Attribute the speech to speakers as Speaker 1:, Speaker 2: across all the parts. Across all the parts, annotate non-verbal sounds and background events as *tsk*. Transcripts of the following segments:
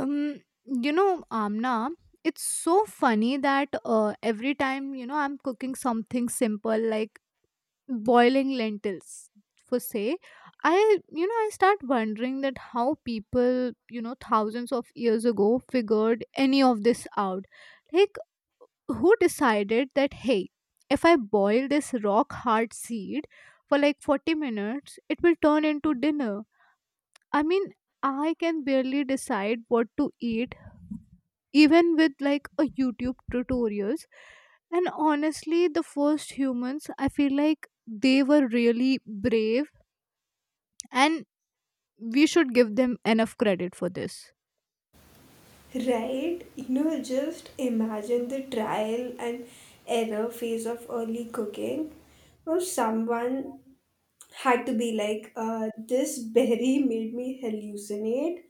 Speaker 1: um you know, Amna, it's so funny that every time I'm cooking something simple like boiling lentils for say, I I start wondering that how people, thousands of years ago figured any of this out. Like, who decided that, hey, if I boil this rock hard seed for like 40 minutes it will turn into dinner? I mean, I can barely decide what to eat, even with like a YouTube tutorials. And honestly, the first humans, I feel like they were really brave, and we should give them enough credit for this.
Speaker 2: Right? Just imagine the trial and error phase of early cooking. Or someone had to be like, "This berry made me hallucinate.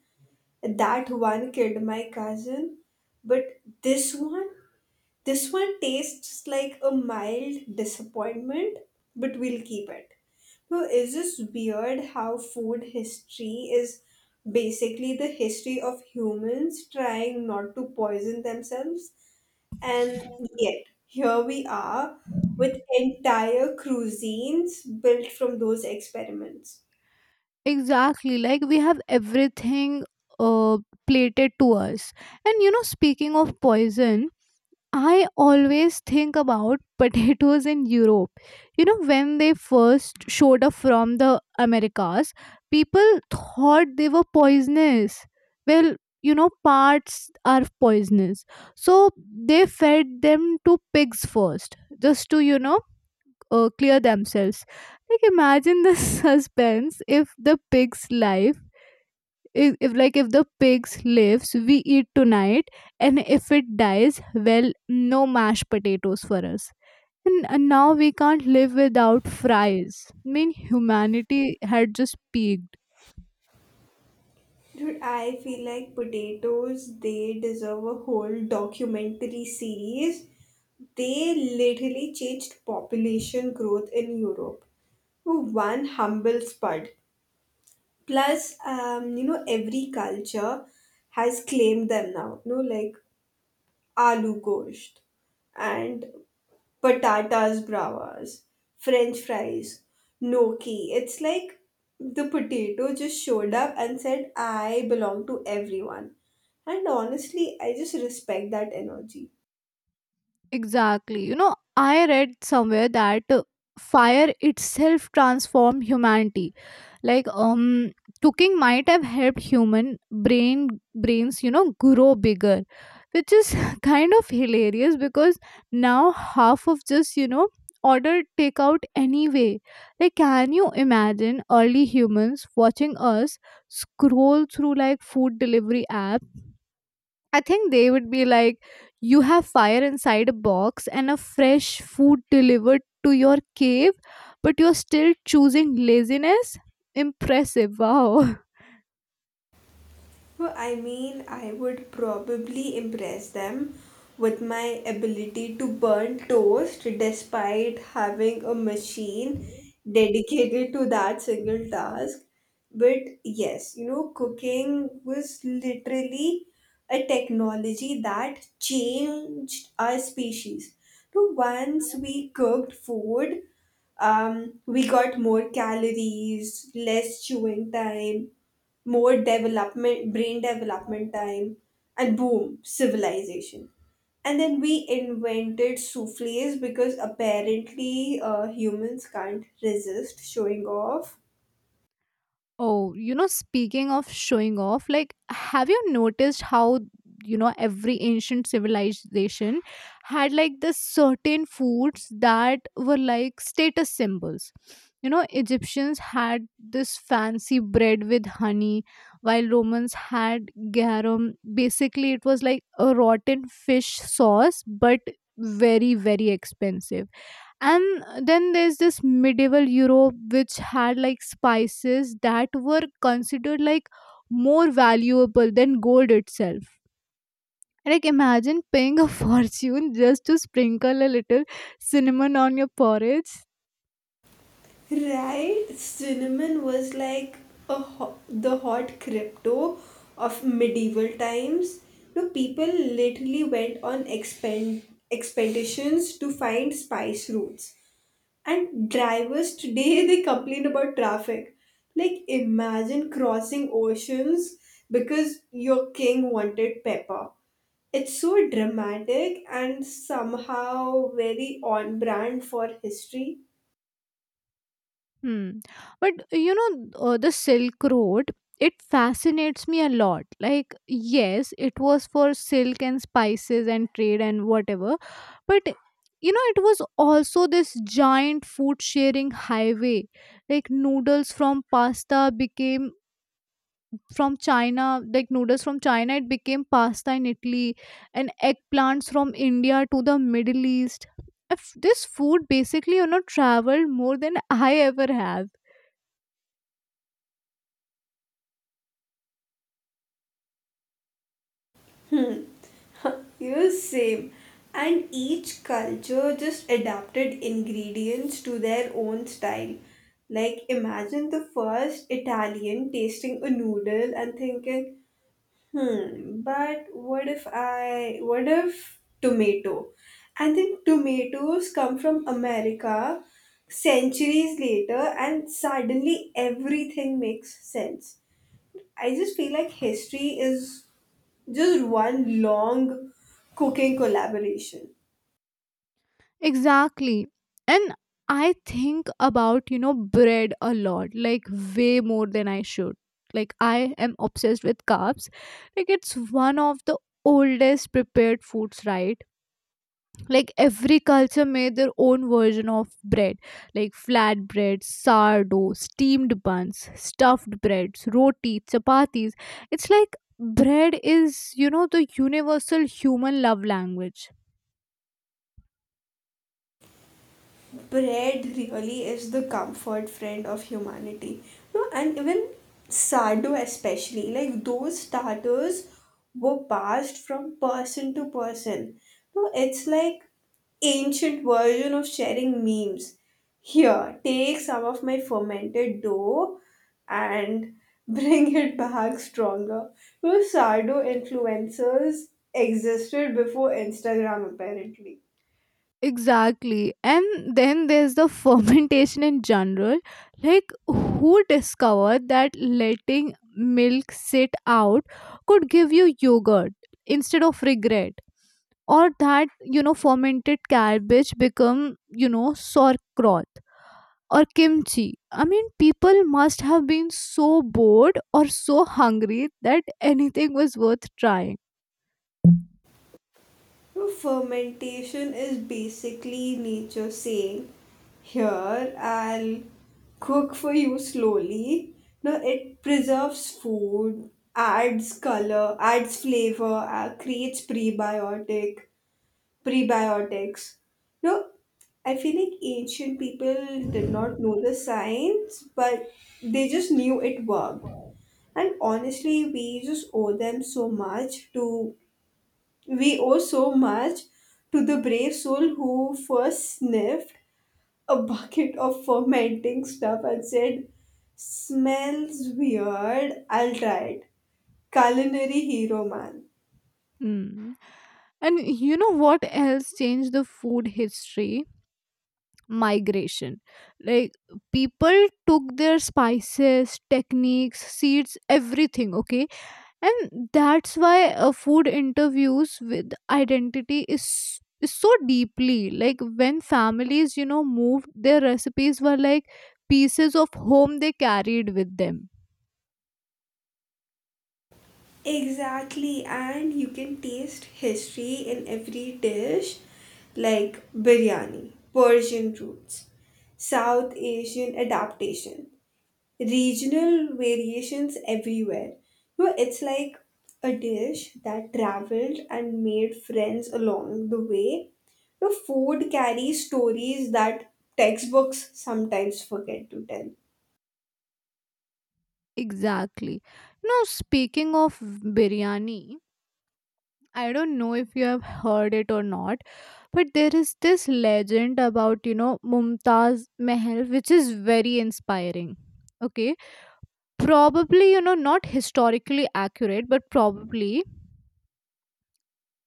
Speaker 2: That one killed my cousin. But this one? This one tastes like a mild disappointment, but we'll keep it." So, is this weird how food history is basically the history of humans trying not to poison themselves? And yet, here we are with entire cuisines built from those experiments.
Speaker 1: Exactly, like we have everything uh, plated to us. And you know, speaking of poison, I always think about *laughs* potatoes in Europe. You know, when they first showed up from the Americas, people thought they were poisonous. Well, you know, parts are poisonous. So they fed them to pigs first, just to, clear themselves. Like, imagine the *laughs* suspense if the pig's life if, if the pigs lives, we eat tonight, and if it dies, well, no mashed potatoes for us. And now we can't live without fries. I mean, humanity had just peaked.
Speaker 2: Dude, I feel like potatoes, they deserve a whole documentary series. They literally changed population growth in Europe for one humble spud. Plus, every culture has claimed them now. Like aloo gosht and patatas bravas, French fries, gnocchi. It's like the potato just showed up and said, "I belong to everyone." And honestly, I just respect that energy.
Speaker 1: Exactly. You know, I read somewhere that fire itself transformed humanity. Like, cooking might have helped human brain brains, you know, grow bigger, which is *laughs* kind of hilarious because now half of just, you know, order takeout anyway. Like, can you imagine early humans watching us scroll through like food delivery apps? I think they would be like, you have fire inside a box and a fresh food delivered to your cave, but you're still choosing laziness? Impressive. Wow. *laughs*
Speaker 2: Well, I mean, I would probably impress them with my ability to burn toast despite having a machine dedicated to that single task. But yes, you know, cooking was literally a technology that changed our species. So once we cooked food, we got more calories, less chewing time, more development brain development time, and boom, civilization. And then we invented soufflés because apparently humans can't resist showing off.
Speaker 1: Oh, you know, speaking of showing off, like, have you noticed how, you know, every ancient civilization had like this certain foods that were like status symbols? You know, Egyptians had this fancy bread with honey, while Romans had garum. Basically, it was like a rotten fish sauce, but very, very expensive. And then there's this medieval Europe, which had like spices that were considered like more valuable than gold itself. And, like, imagine paying a *laughs* fortune just to sprinkle a little cinnamon on your porridge.
Speaker 2: Right, cinnamon was like the hot crypto of medieval times. No, people literally went on expeditions to find spice roots. And drivers today, they complain about traffic. Like imagine crossing oceans because your king wanted pepper. It's so dramatic and somehow very on brand for history.
Speaker 1: Hmm. But you know, the Silk Road, it fascinates me a lot. Like, yes, it was for silk and spices and trade and whatever. But you know, it was also this giant food sharing highway. Like, noodles from pasta became from China, like noodles from China, it became pasta in Italy, and eggplants from India to the Middle East. If This food basically, you know, traveled more than I ever have.
Speaker 2: Hmm. *laughs* You same. And each culture just adapted ingredients to their own style. Like imagine the first Italian tasting a noodle and thinking, "Hmm, but what if tomato?" I think tomatoes come from America centuries later, and suddenly everything makes sense. I just feel like history is just one long cooking collaboration.
Speaker 1: Exactly. And I think about, you know, bread a lot, like way more than I should. Like, I am obsessed with carbs. Like, it's one of the oldest prepared foods, right? Like, every culture made their own version of bread, like flatbread, sourdough, steamed buns, stuffed breads, roti, chapatis. It's like bread is, you know, the universal human love language.
Speaker 2: Bread really is the comfort friend of humanity. No, and even sardo especially, like those starters were passed from person to person. No, it's like ancient version of sharing memes. Here, take some of my fermented dough and *laughs* bring it back stronger. No, sardo influencers existed before Instagram apparently.
Speaker 1: Exactly. And then there's the *laughs* fermentation in general. Like, who discovered that letting milk sit out could give you yogurt instead of regret? Or that, you know, fermented cabbage become, you know, sauerkraut or kimchi? I mean, people must have been so bored or so hungry that anything was worth trying.
Speaker 2: So fermentation is basically nature saying, "Here, I'll cook for you slowly." Now, it preserves food, adds color, adds flavor, creates prebiotics. No, I feel like ancient people did not know the science, but they just knew it worked. And honestly, we just owe them so much to we owe so much to the brave soul who first sniffed a bucket of fermenting stuff and said, "Smells weird, I'll try it." Culinary hero, man.
Speaker 1: Hmm. And you know what else changed the food history? Migration. Like, people took their spices, techniques, seeds, everything, okay? And that's why food interviews with identity is so deeply, like when families, you know, moved, their recipes were like pieces of home they carried with them.
Speaker 2: Exactly, and you can taste history in every dish, like biryani, Persian roots, South Asian adaptation. Regional variations everywhere. You know, it's like a dish that traveled and made friends along the way. The food carries stories that textbooks sometimes forget to tell.
Speaker 1: Exactly. Now, speaking of biryani, I don't know if you have heard it or not, but there is this legend about, you know, Mumtaz Mahal, which is very inspiring. Okay, probably, you know, not historically accurate, but probably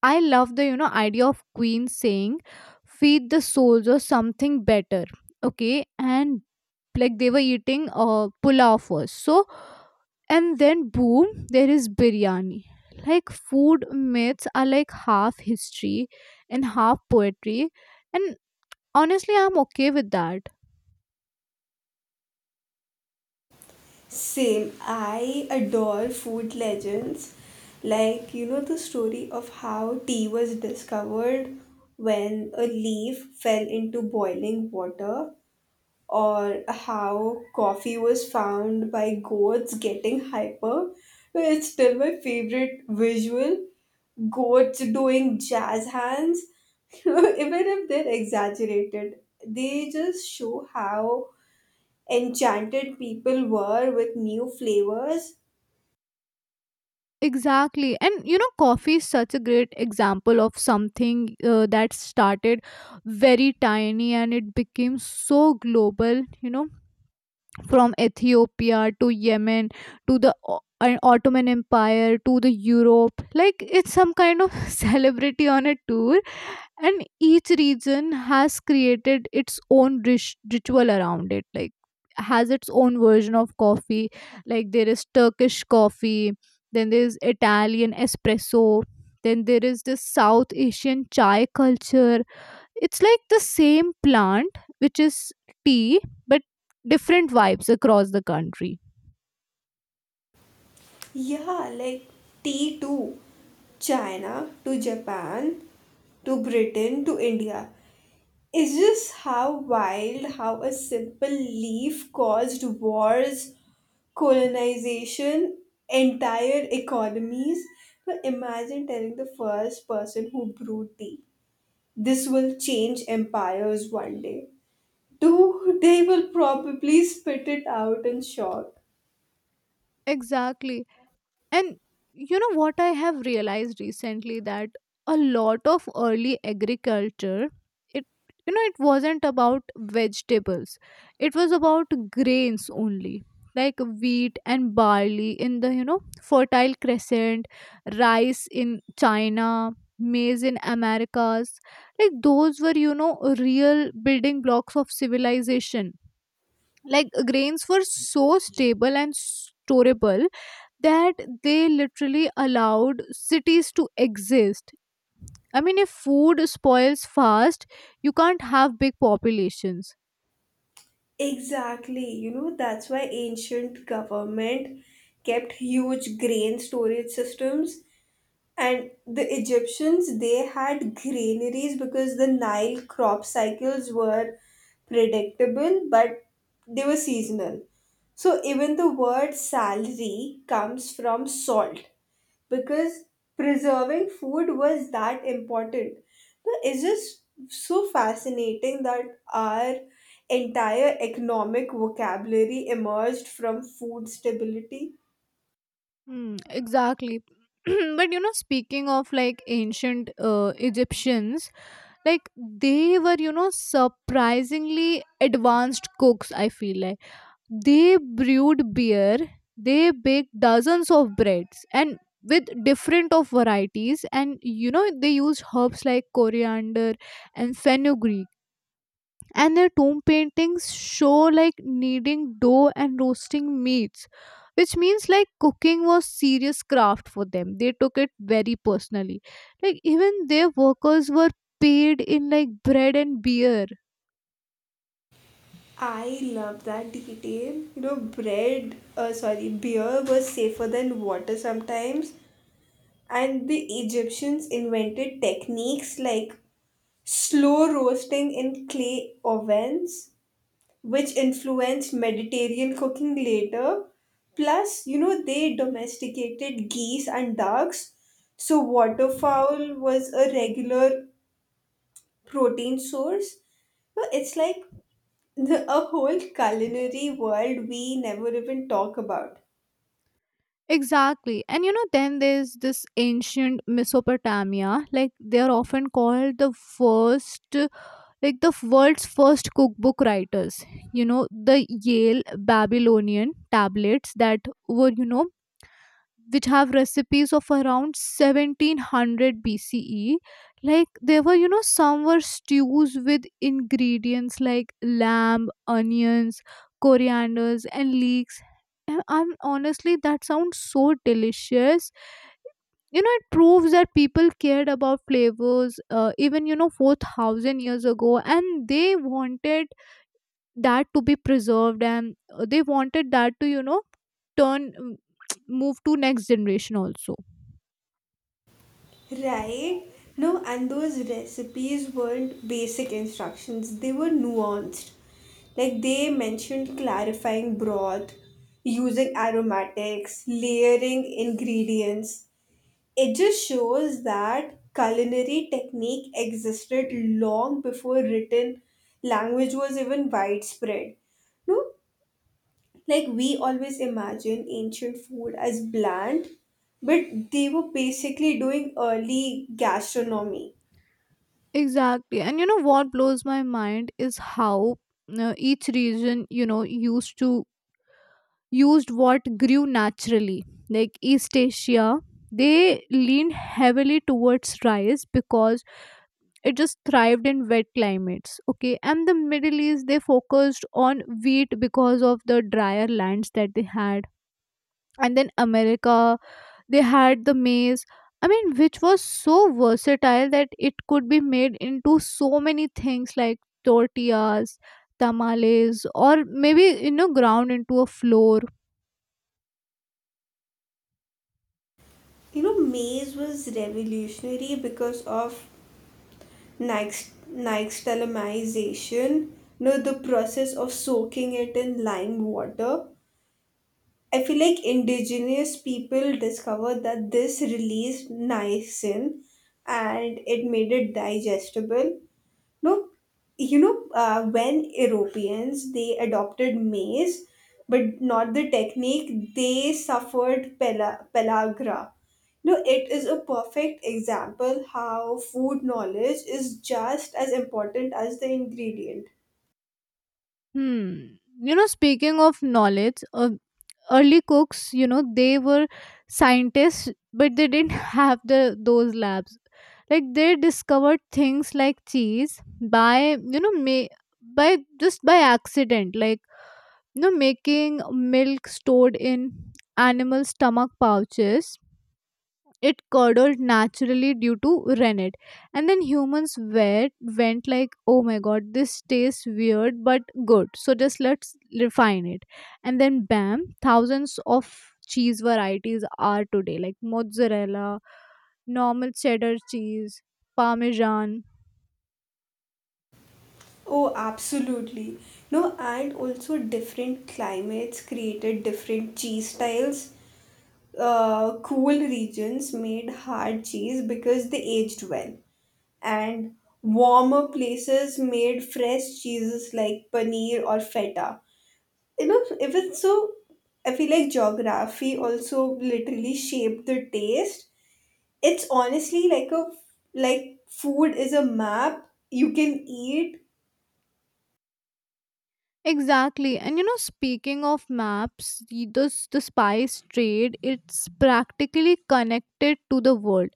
Speaker 1: I love the, you know, idea of queen saying, feed the soldiers something better. Okay. And like, they were eating pulao first, so, and then boom, there is biryani. Like, food myths are like half history and half poetry, and honestly, I'm okay with that.
Speaker 2: Same, I adore food legends. Like, you know, the story of how tea was discovered when a leaf fell into boiling water, or how coffee was found by goats getting hyper. It's still my favorite visual. Goats doing jazz hands. *laughs* Even if they're exaggerated, they just show how enchanted people were with new flavors.
Speaker 1: Exactly. And you know, coffee is such a great example of something that started very tiny and it became so global, you know, from Ethiopia to Yemen to the Ottoman Empire to the Europe. Like, it's some kind of *laughs* celebrity on a tour, and each region has created its own ritual around it, like has its own version of coffee. Like, there is Turkish coffee, then there is Italian espresso, then there is this South Asian chai culture. It's like the same plant, which is tea, but different vibes across the country.
Speaker 2: Yeah, like tea too. China to Japan to Britain to India. Is just how wild how a simple leaf caused wars, colonization, entire economies? But imagine telling the first person who brewed tea, "This will change empires one day." Dude, they will probably spit it out in shock.
Speaker 1: Exactly. And you know what I have realized recently, that a lot of early agriculture, it, you know, it wasn't about vegetables. It was about grains only. Like, wheat and barley in the, you know, fertile crescent, rice in China, maize in Americas. Like, those were, you know, real building blocks of civilization. Like, grains were so stable and storable that they literally allowed cities to exist. I mean, if food spoils fast, you can't have big populations.
Speaker 2: Exactly. You know, that's why ancient government kept huge grain storage systems. And the Egyptians, they had granaries because the Nile crop cycles were predictable, but they were seasonal. So even the word salary comes from salt because preserving food was that important. So it's just so fascinating that our entire economic vocabulary emerged from food stability.
Speaker 1: Hmm, exactly. *clears throat* But you know, speaking of like ancient Egyptians, like they were, you know, surprisingly advanced cooks, I feel like. They brewed beer, they baked dozens of breads and with different of varieties, and you know, they used herbs like coriander and fenugreek, and their tomb paintings show like kneading dough and roasting meats, which means like cooking was serious craft for them. They took it very personally. Like, even their workers were paid in like bread and beer.
Speaker 2: I love that detail. You know, beer was safer than water sometimes. And the Egyptians invented techniques like slow roasting in clay ovens, which influenced Mediterranean cooking later. Plus, you know, they domesticated geese and ducks. So, waterfowl was a regular protein source. So it's like a whole culinary world we never even talk about.
Speaker 1: Exactly. And you know, then there's this ancient Mesopotamia. Like, they're often called the first, like the world's first cookbook writers. You know, the Yale Babylonian tablets that were, you know, which have recipes of around 1700 BCE. Like, there were, you know, some were stews with ingredients like lamb, onions, corianders, and leeks. And I'm honestly, that sounds so delicious. You know, it proves that people cared about flavors even, you know, 4,000 years ago, and they wanted that to be preserved, and they wanted that to, you know, turn, *tsk* move to next generation also.
Speaker 2: Right? No, and those recipes weren't basic instructions, they were nuanced. Like they mentioned clarifying broth, using aromatics, layering ingredients. It just shows that culinary technique existed long before written language was even widespread. No, like we always imagine ancient food as bland, but they were basically doing early gastronomy.
Speaker 1: Exactly. And you know what blows my mind is how each region, you know, used what grew naturally. Like, East Asia, they leaned heavily towards rice because it just thrived in wet climates, okay? And the Middle East, they focused on wheat because of the drier lands that they had. And then America, they had the maze, I mean, which was so versatile that it could be made into so many things like tortillas, tamales, or maybe, you know, ground into a flour.
Speaker 2: You know, maize was revolutionary because of nixtamalization, you know, the process of soaking it in lime water. I feel like indigenous people discovered that this released niacin and it made it digestible. No, you know, when Europeans they adopted maize, but not the technique, they suffered pellagra. You know, it is a perfect example how food knowledge is just as important as the ingredient.
Speaker 1: Hmm. You know, speaking of knowledge, early cooks, you know, they were scientists, but they didn't *laughs* have the those labs. Like, they discovered things like cheese by, you know, may by just by accident. Like, you know, making milk stored in animal stomach pouches, it curdled naturally due to rennet, and then went like, oh my god, this tastes weird but good, so just let's refine it. And then bam, thousands of cheese varieties are today, like mozzarella, normal cheddar cheese, parmesan.
Speaker 2: Oh, absolutely. No, and also different climates created different cheese styles. Cool regions made hard cheese because they aged well, and warmer places made fresh cheeses like paneer or feta. You know, even so, I feel like geography also literally shaped the taste. It's honestly like a like food is a map you can eat.
Speaker 1: Exactly. And you know, speaking of maps, the spice trade, it's practically connected to the world.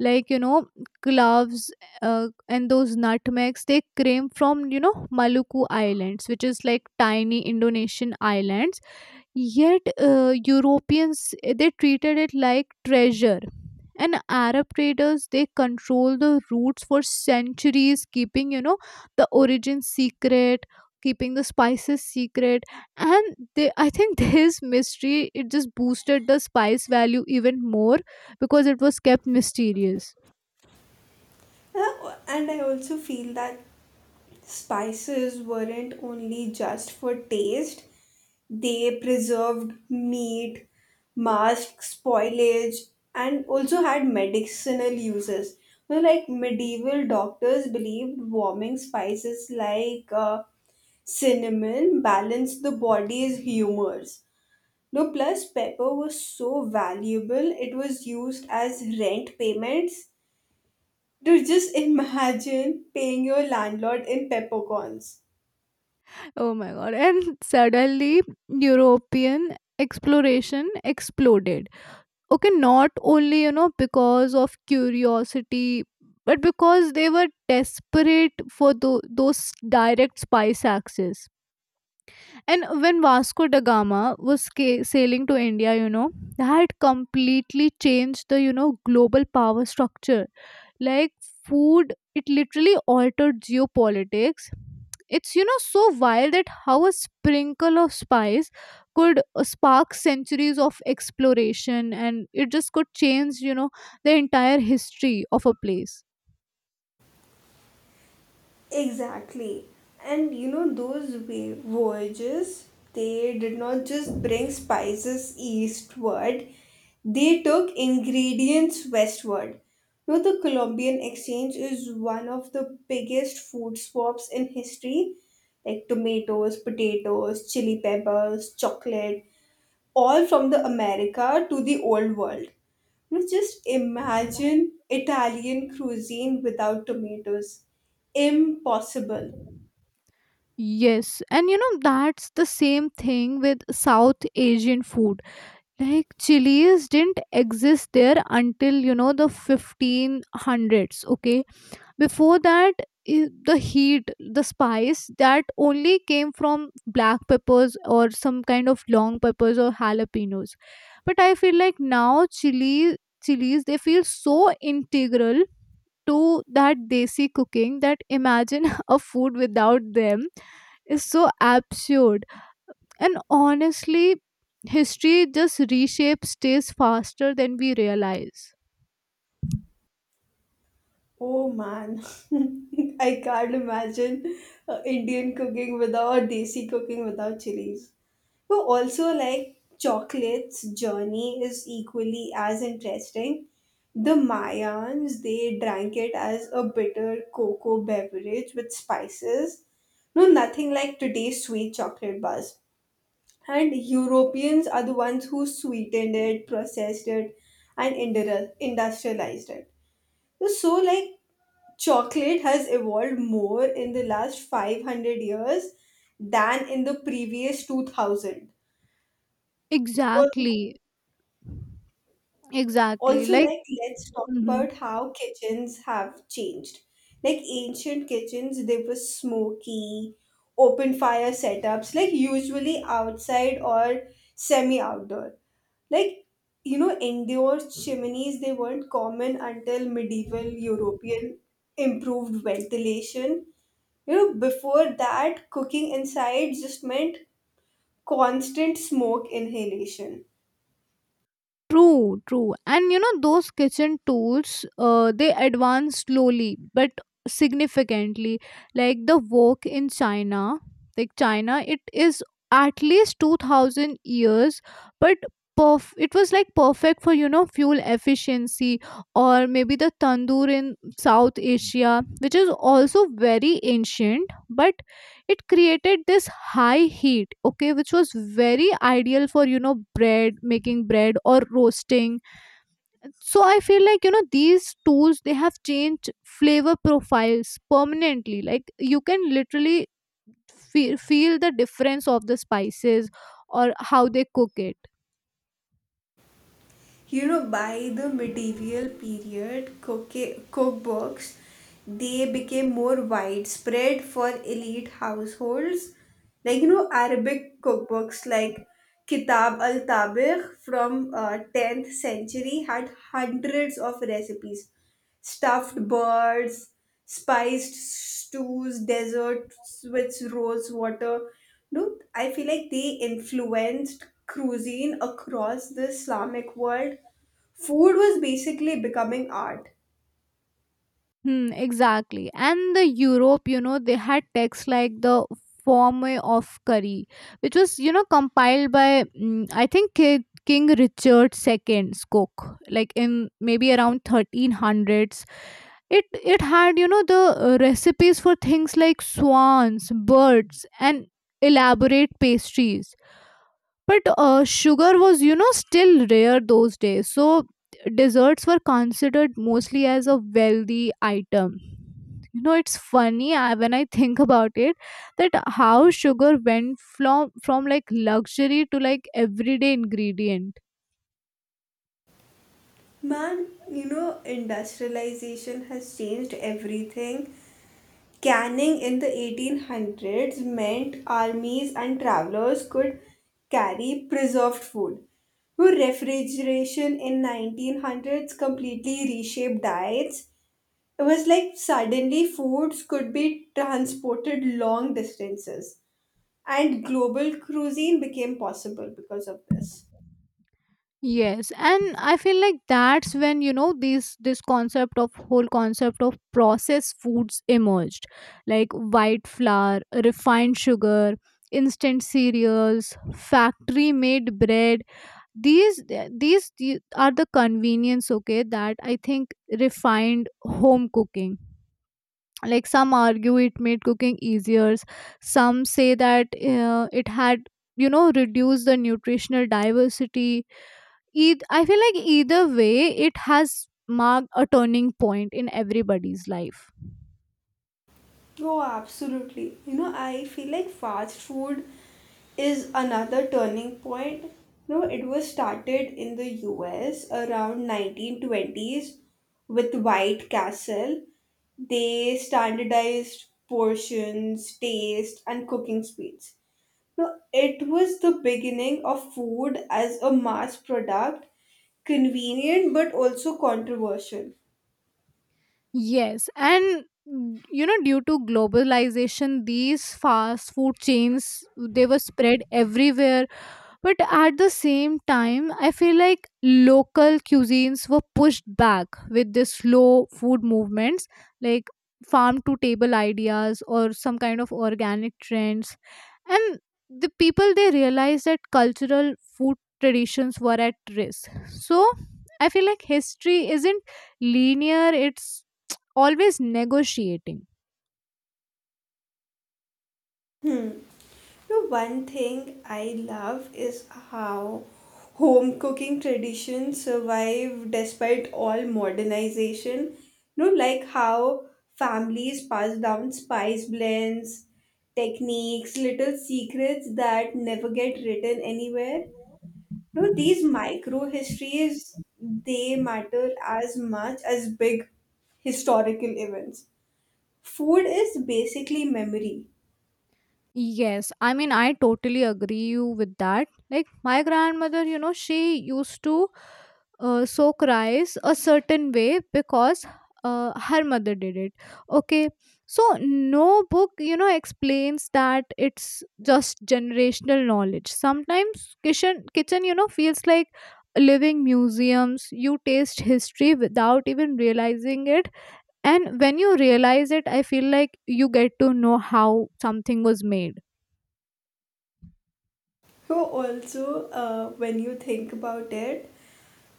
Speaker 1: Like, you know, gloves and those nutmegs, they came from, you know, Maluku Islands, which is like tiny Indonesian islands. Yet Europeans they treated it like treasure. And Arab traders, they control the routes for centuries, keeping, you know, the origin secret, keeping the spices secret, and they, I think, *laughs* this mystery, it just boosted the spice value even more because it was kept mysterious.
Speaker 2: And I also feel that spices weren't only just for taste. They preserved meat, masked spoilage, and also had medicinal uses. You know, like medieval doctors believed warming spices like cinnamon balanced the body's humors. No, plus pepper was so valuable, it was used as rent payments. To just imagine paying your landlord in peppercorns.
Speaker 1: Oh my god! And suddenly European exploration exploded, okay, not only, you know, because of curiosity, but because they were desperate for those direct spice access. And when Vasco da Gama was sailing to India, you know, that completely changed the, you know, global power structure. Like, food, it literally altered geopolitics. It's, you know, so wild that how a sprinkle of spice could spark centuries of exploration, and it just could change, you know, the entire history of a place.
Speaker 2: Exactly. And you know, those voyages, they did not just bring spices eastward, they took ingredients westward. You know, the Colombian exchange is one of the biggest food swaps in history, like tomatoes, potatoes, chili peppers, chocolate, all from the America to the old world. You know, just imagine Italian cuisine without tomatoes. Impossible.
Speaker 1: Yes, and you know that's the same thing with South Asian food. Like, chilies didn't exist there until, you know, the 1500s, okay? Before that, the heat, the spice, that only came from black peppers or some kind of long peppers or jalapenos. But I feel like now, chilies, they feel so integral to that desi cooking that imagine *laughs* a food without them is so absurd. And honestly, history just reshapes stays faster than we realize.
Speaker 2: Oh man, *laughs* I can't imagine Indian cooking without desi cooking without chilies. But also, like chocolates journey is equally as interesting. The Mayans, they drank it as a bitter cocoa beverage with spices. No, nothing like today's sweet chocolate bars. And Europeans are the ones who sweetened it, processed it, and industrialized it. So, like, chocolate has evolved more in the last 500 years than in the previous 2000. Or
Speaker 1: Exactly. Exactly.
Speaker 2: also,
Speaker 1: Like,
Speaker 2: like, let's talk
Speaker 1: mhm.
Speaker 2: about how kitchens have changed. Like, ancient kitchens, they were smoky, open fire setups, like, usually outside or semi outdoor. Like, you know, indoor chimneys, they weren't common until medieval European improved ventilation. You know, before that, cooking inside just meant constant smoke inhalation.
Speaker 1: True, true. And you know, those kitchen tools, they advance slowly but significantly. Like the wok in China, like China, it is at least 2,000 years, but it was like perfect for, fuel efficiency. Or maybe the tandoor in South Asia, which is also very ancient, but it created this high heat, okay, which was very ideal for, bread making bread or roasting. So I feel like, these tools, they have changed flavor profiles permanently. Like you can literally feel the difference of the spices or how they cook it.
Speaker 2: You know, by the medieval period, cookbooks they became more widespread for elite households. Like you know, Arabic cookbooks like Kitab al Tabigh from 10th century had hundreds of recipes, stuffed birds, spiced stews, desserts with rose water. No, I feel like they influenced cuisine across the Islamic world. Food was basically becoming art.
Speaker 1: Hmm, exactly. And the Europe, they had texts like the Form of Curry, which was, compiled by I think King Richard Second's cook, like in maybe around 1300s. It had, the recipes for things like swans, birds, and elaborate pastries, but sugar was, still rare those days. So desserts were considered mostly as a wealthy item. It's funny when I think about it, that how sugar went from like luxury to like everyday ingredient.
Speaker 2: Man, you know, industrialization has changed everything. Canning in the 1800s meant armies and travelers could carry preserved food. Refrigeration in 1900s completely reshaped diets. It was like suddenly foods could be transported long distances and global cuisine became possible because of this.
Speaker 1: Yes, and I feel like that's when, this this concept of whole concept of processed foods emerged, like white flour, refined sugar, instant cereals, factory made bread. These these are the convenience, okay, that I think refined home cooking. Like some argue it made cooking easier. Some say that it had, reduced the nutritional diversity. I feel like either way, it has marked a turning point in everybody's life.
Speaker 2: Oh, absolutely. You know, I feel like fast food is another turning point. No, it was started in the US around 1920s with White Castle. They standardized portions, taste, and cooking speeds. No, it was the beginning of food as a mass product, convenient but also controversial.
Speaker 1: Yes, and due to globalization, these fast food chains, they were spread everywhere. But at the same time, I feel like local cuisines were pushed back with the slow food movements, like farm to table ideas or some kind of organic trends. And the people, they realized that cultural food traditions were at risk. So I feel like history isn't linear, it's always negotiating.
Speaker 2: You know, one thing I love is how home cooking traditions survive despite all modernization. You know, like how families pass down spice blends, techniques, little secrets that never get written anywhere. You know, these micro histories they matter as much as big historical events. Food is basically memory.
Speaker 1: Yes, I mean, I totally agree you with that. Like, my grandmother, she used to soak rice a certain way, because her mother did it. Okay, so no book, explains that. It's just generational knowledge. Sometimes kitchen, feels like living museums. You taste history without even realizing it, and when you realize it, I feel like you get to know how something was made.
Speaker 2: So also, when you think about it,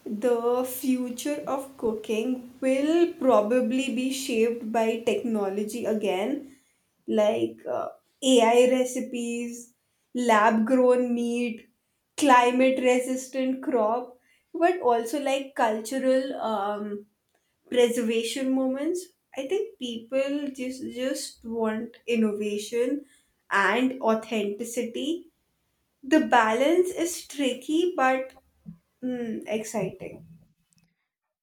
Speaker 2: the future of cooking will probably be shaped by technology again, like AI recipes, lab grown meat, climate resistant crop, but also like cultural preservation moments. I think people just want innovation and authenticity. The balance is tricky but exciting.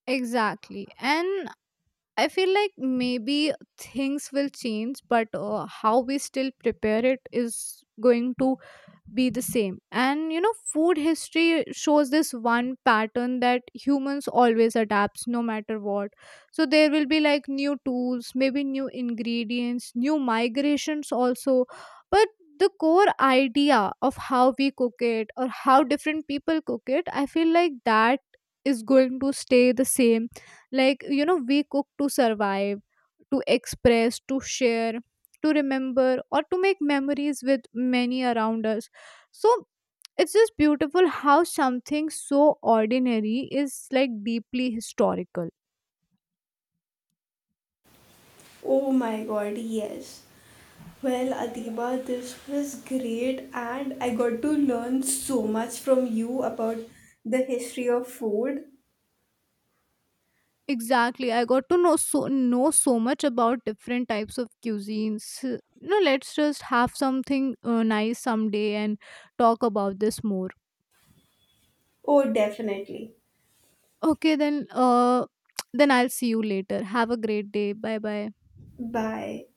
Speaker 1: Exactly. And I feel like maybe things will change, but how we still prepare it is going to be the same. And you know, food history shows this one pattern, that humans always adapts no matter what. So there will be like new tools, maybe new ingredients, new migrations also. But the core idea of how we cook it or how different people cook it, I feel like that is going to stay the same. Like, you know, we cook to survive, to express, to share, to remember, or to make memories with many around us. So it's just beautiful how something so ordinary is like deeply historical.
Speaker 2: Oh my god, yes. Well, Adiba, this was great, and I got to learn so much from you about the history of food.
Speaker 1: Exactly, I got to know so much about different types of cuisines. You know, let's just have something nice someday and talk about this more.
Speaker 2: Oh, definitely.
Speaker 1: Okay, then *tsk* then I'll see you later. Have a great day. Bye bye.
Speaker 2: Bye.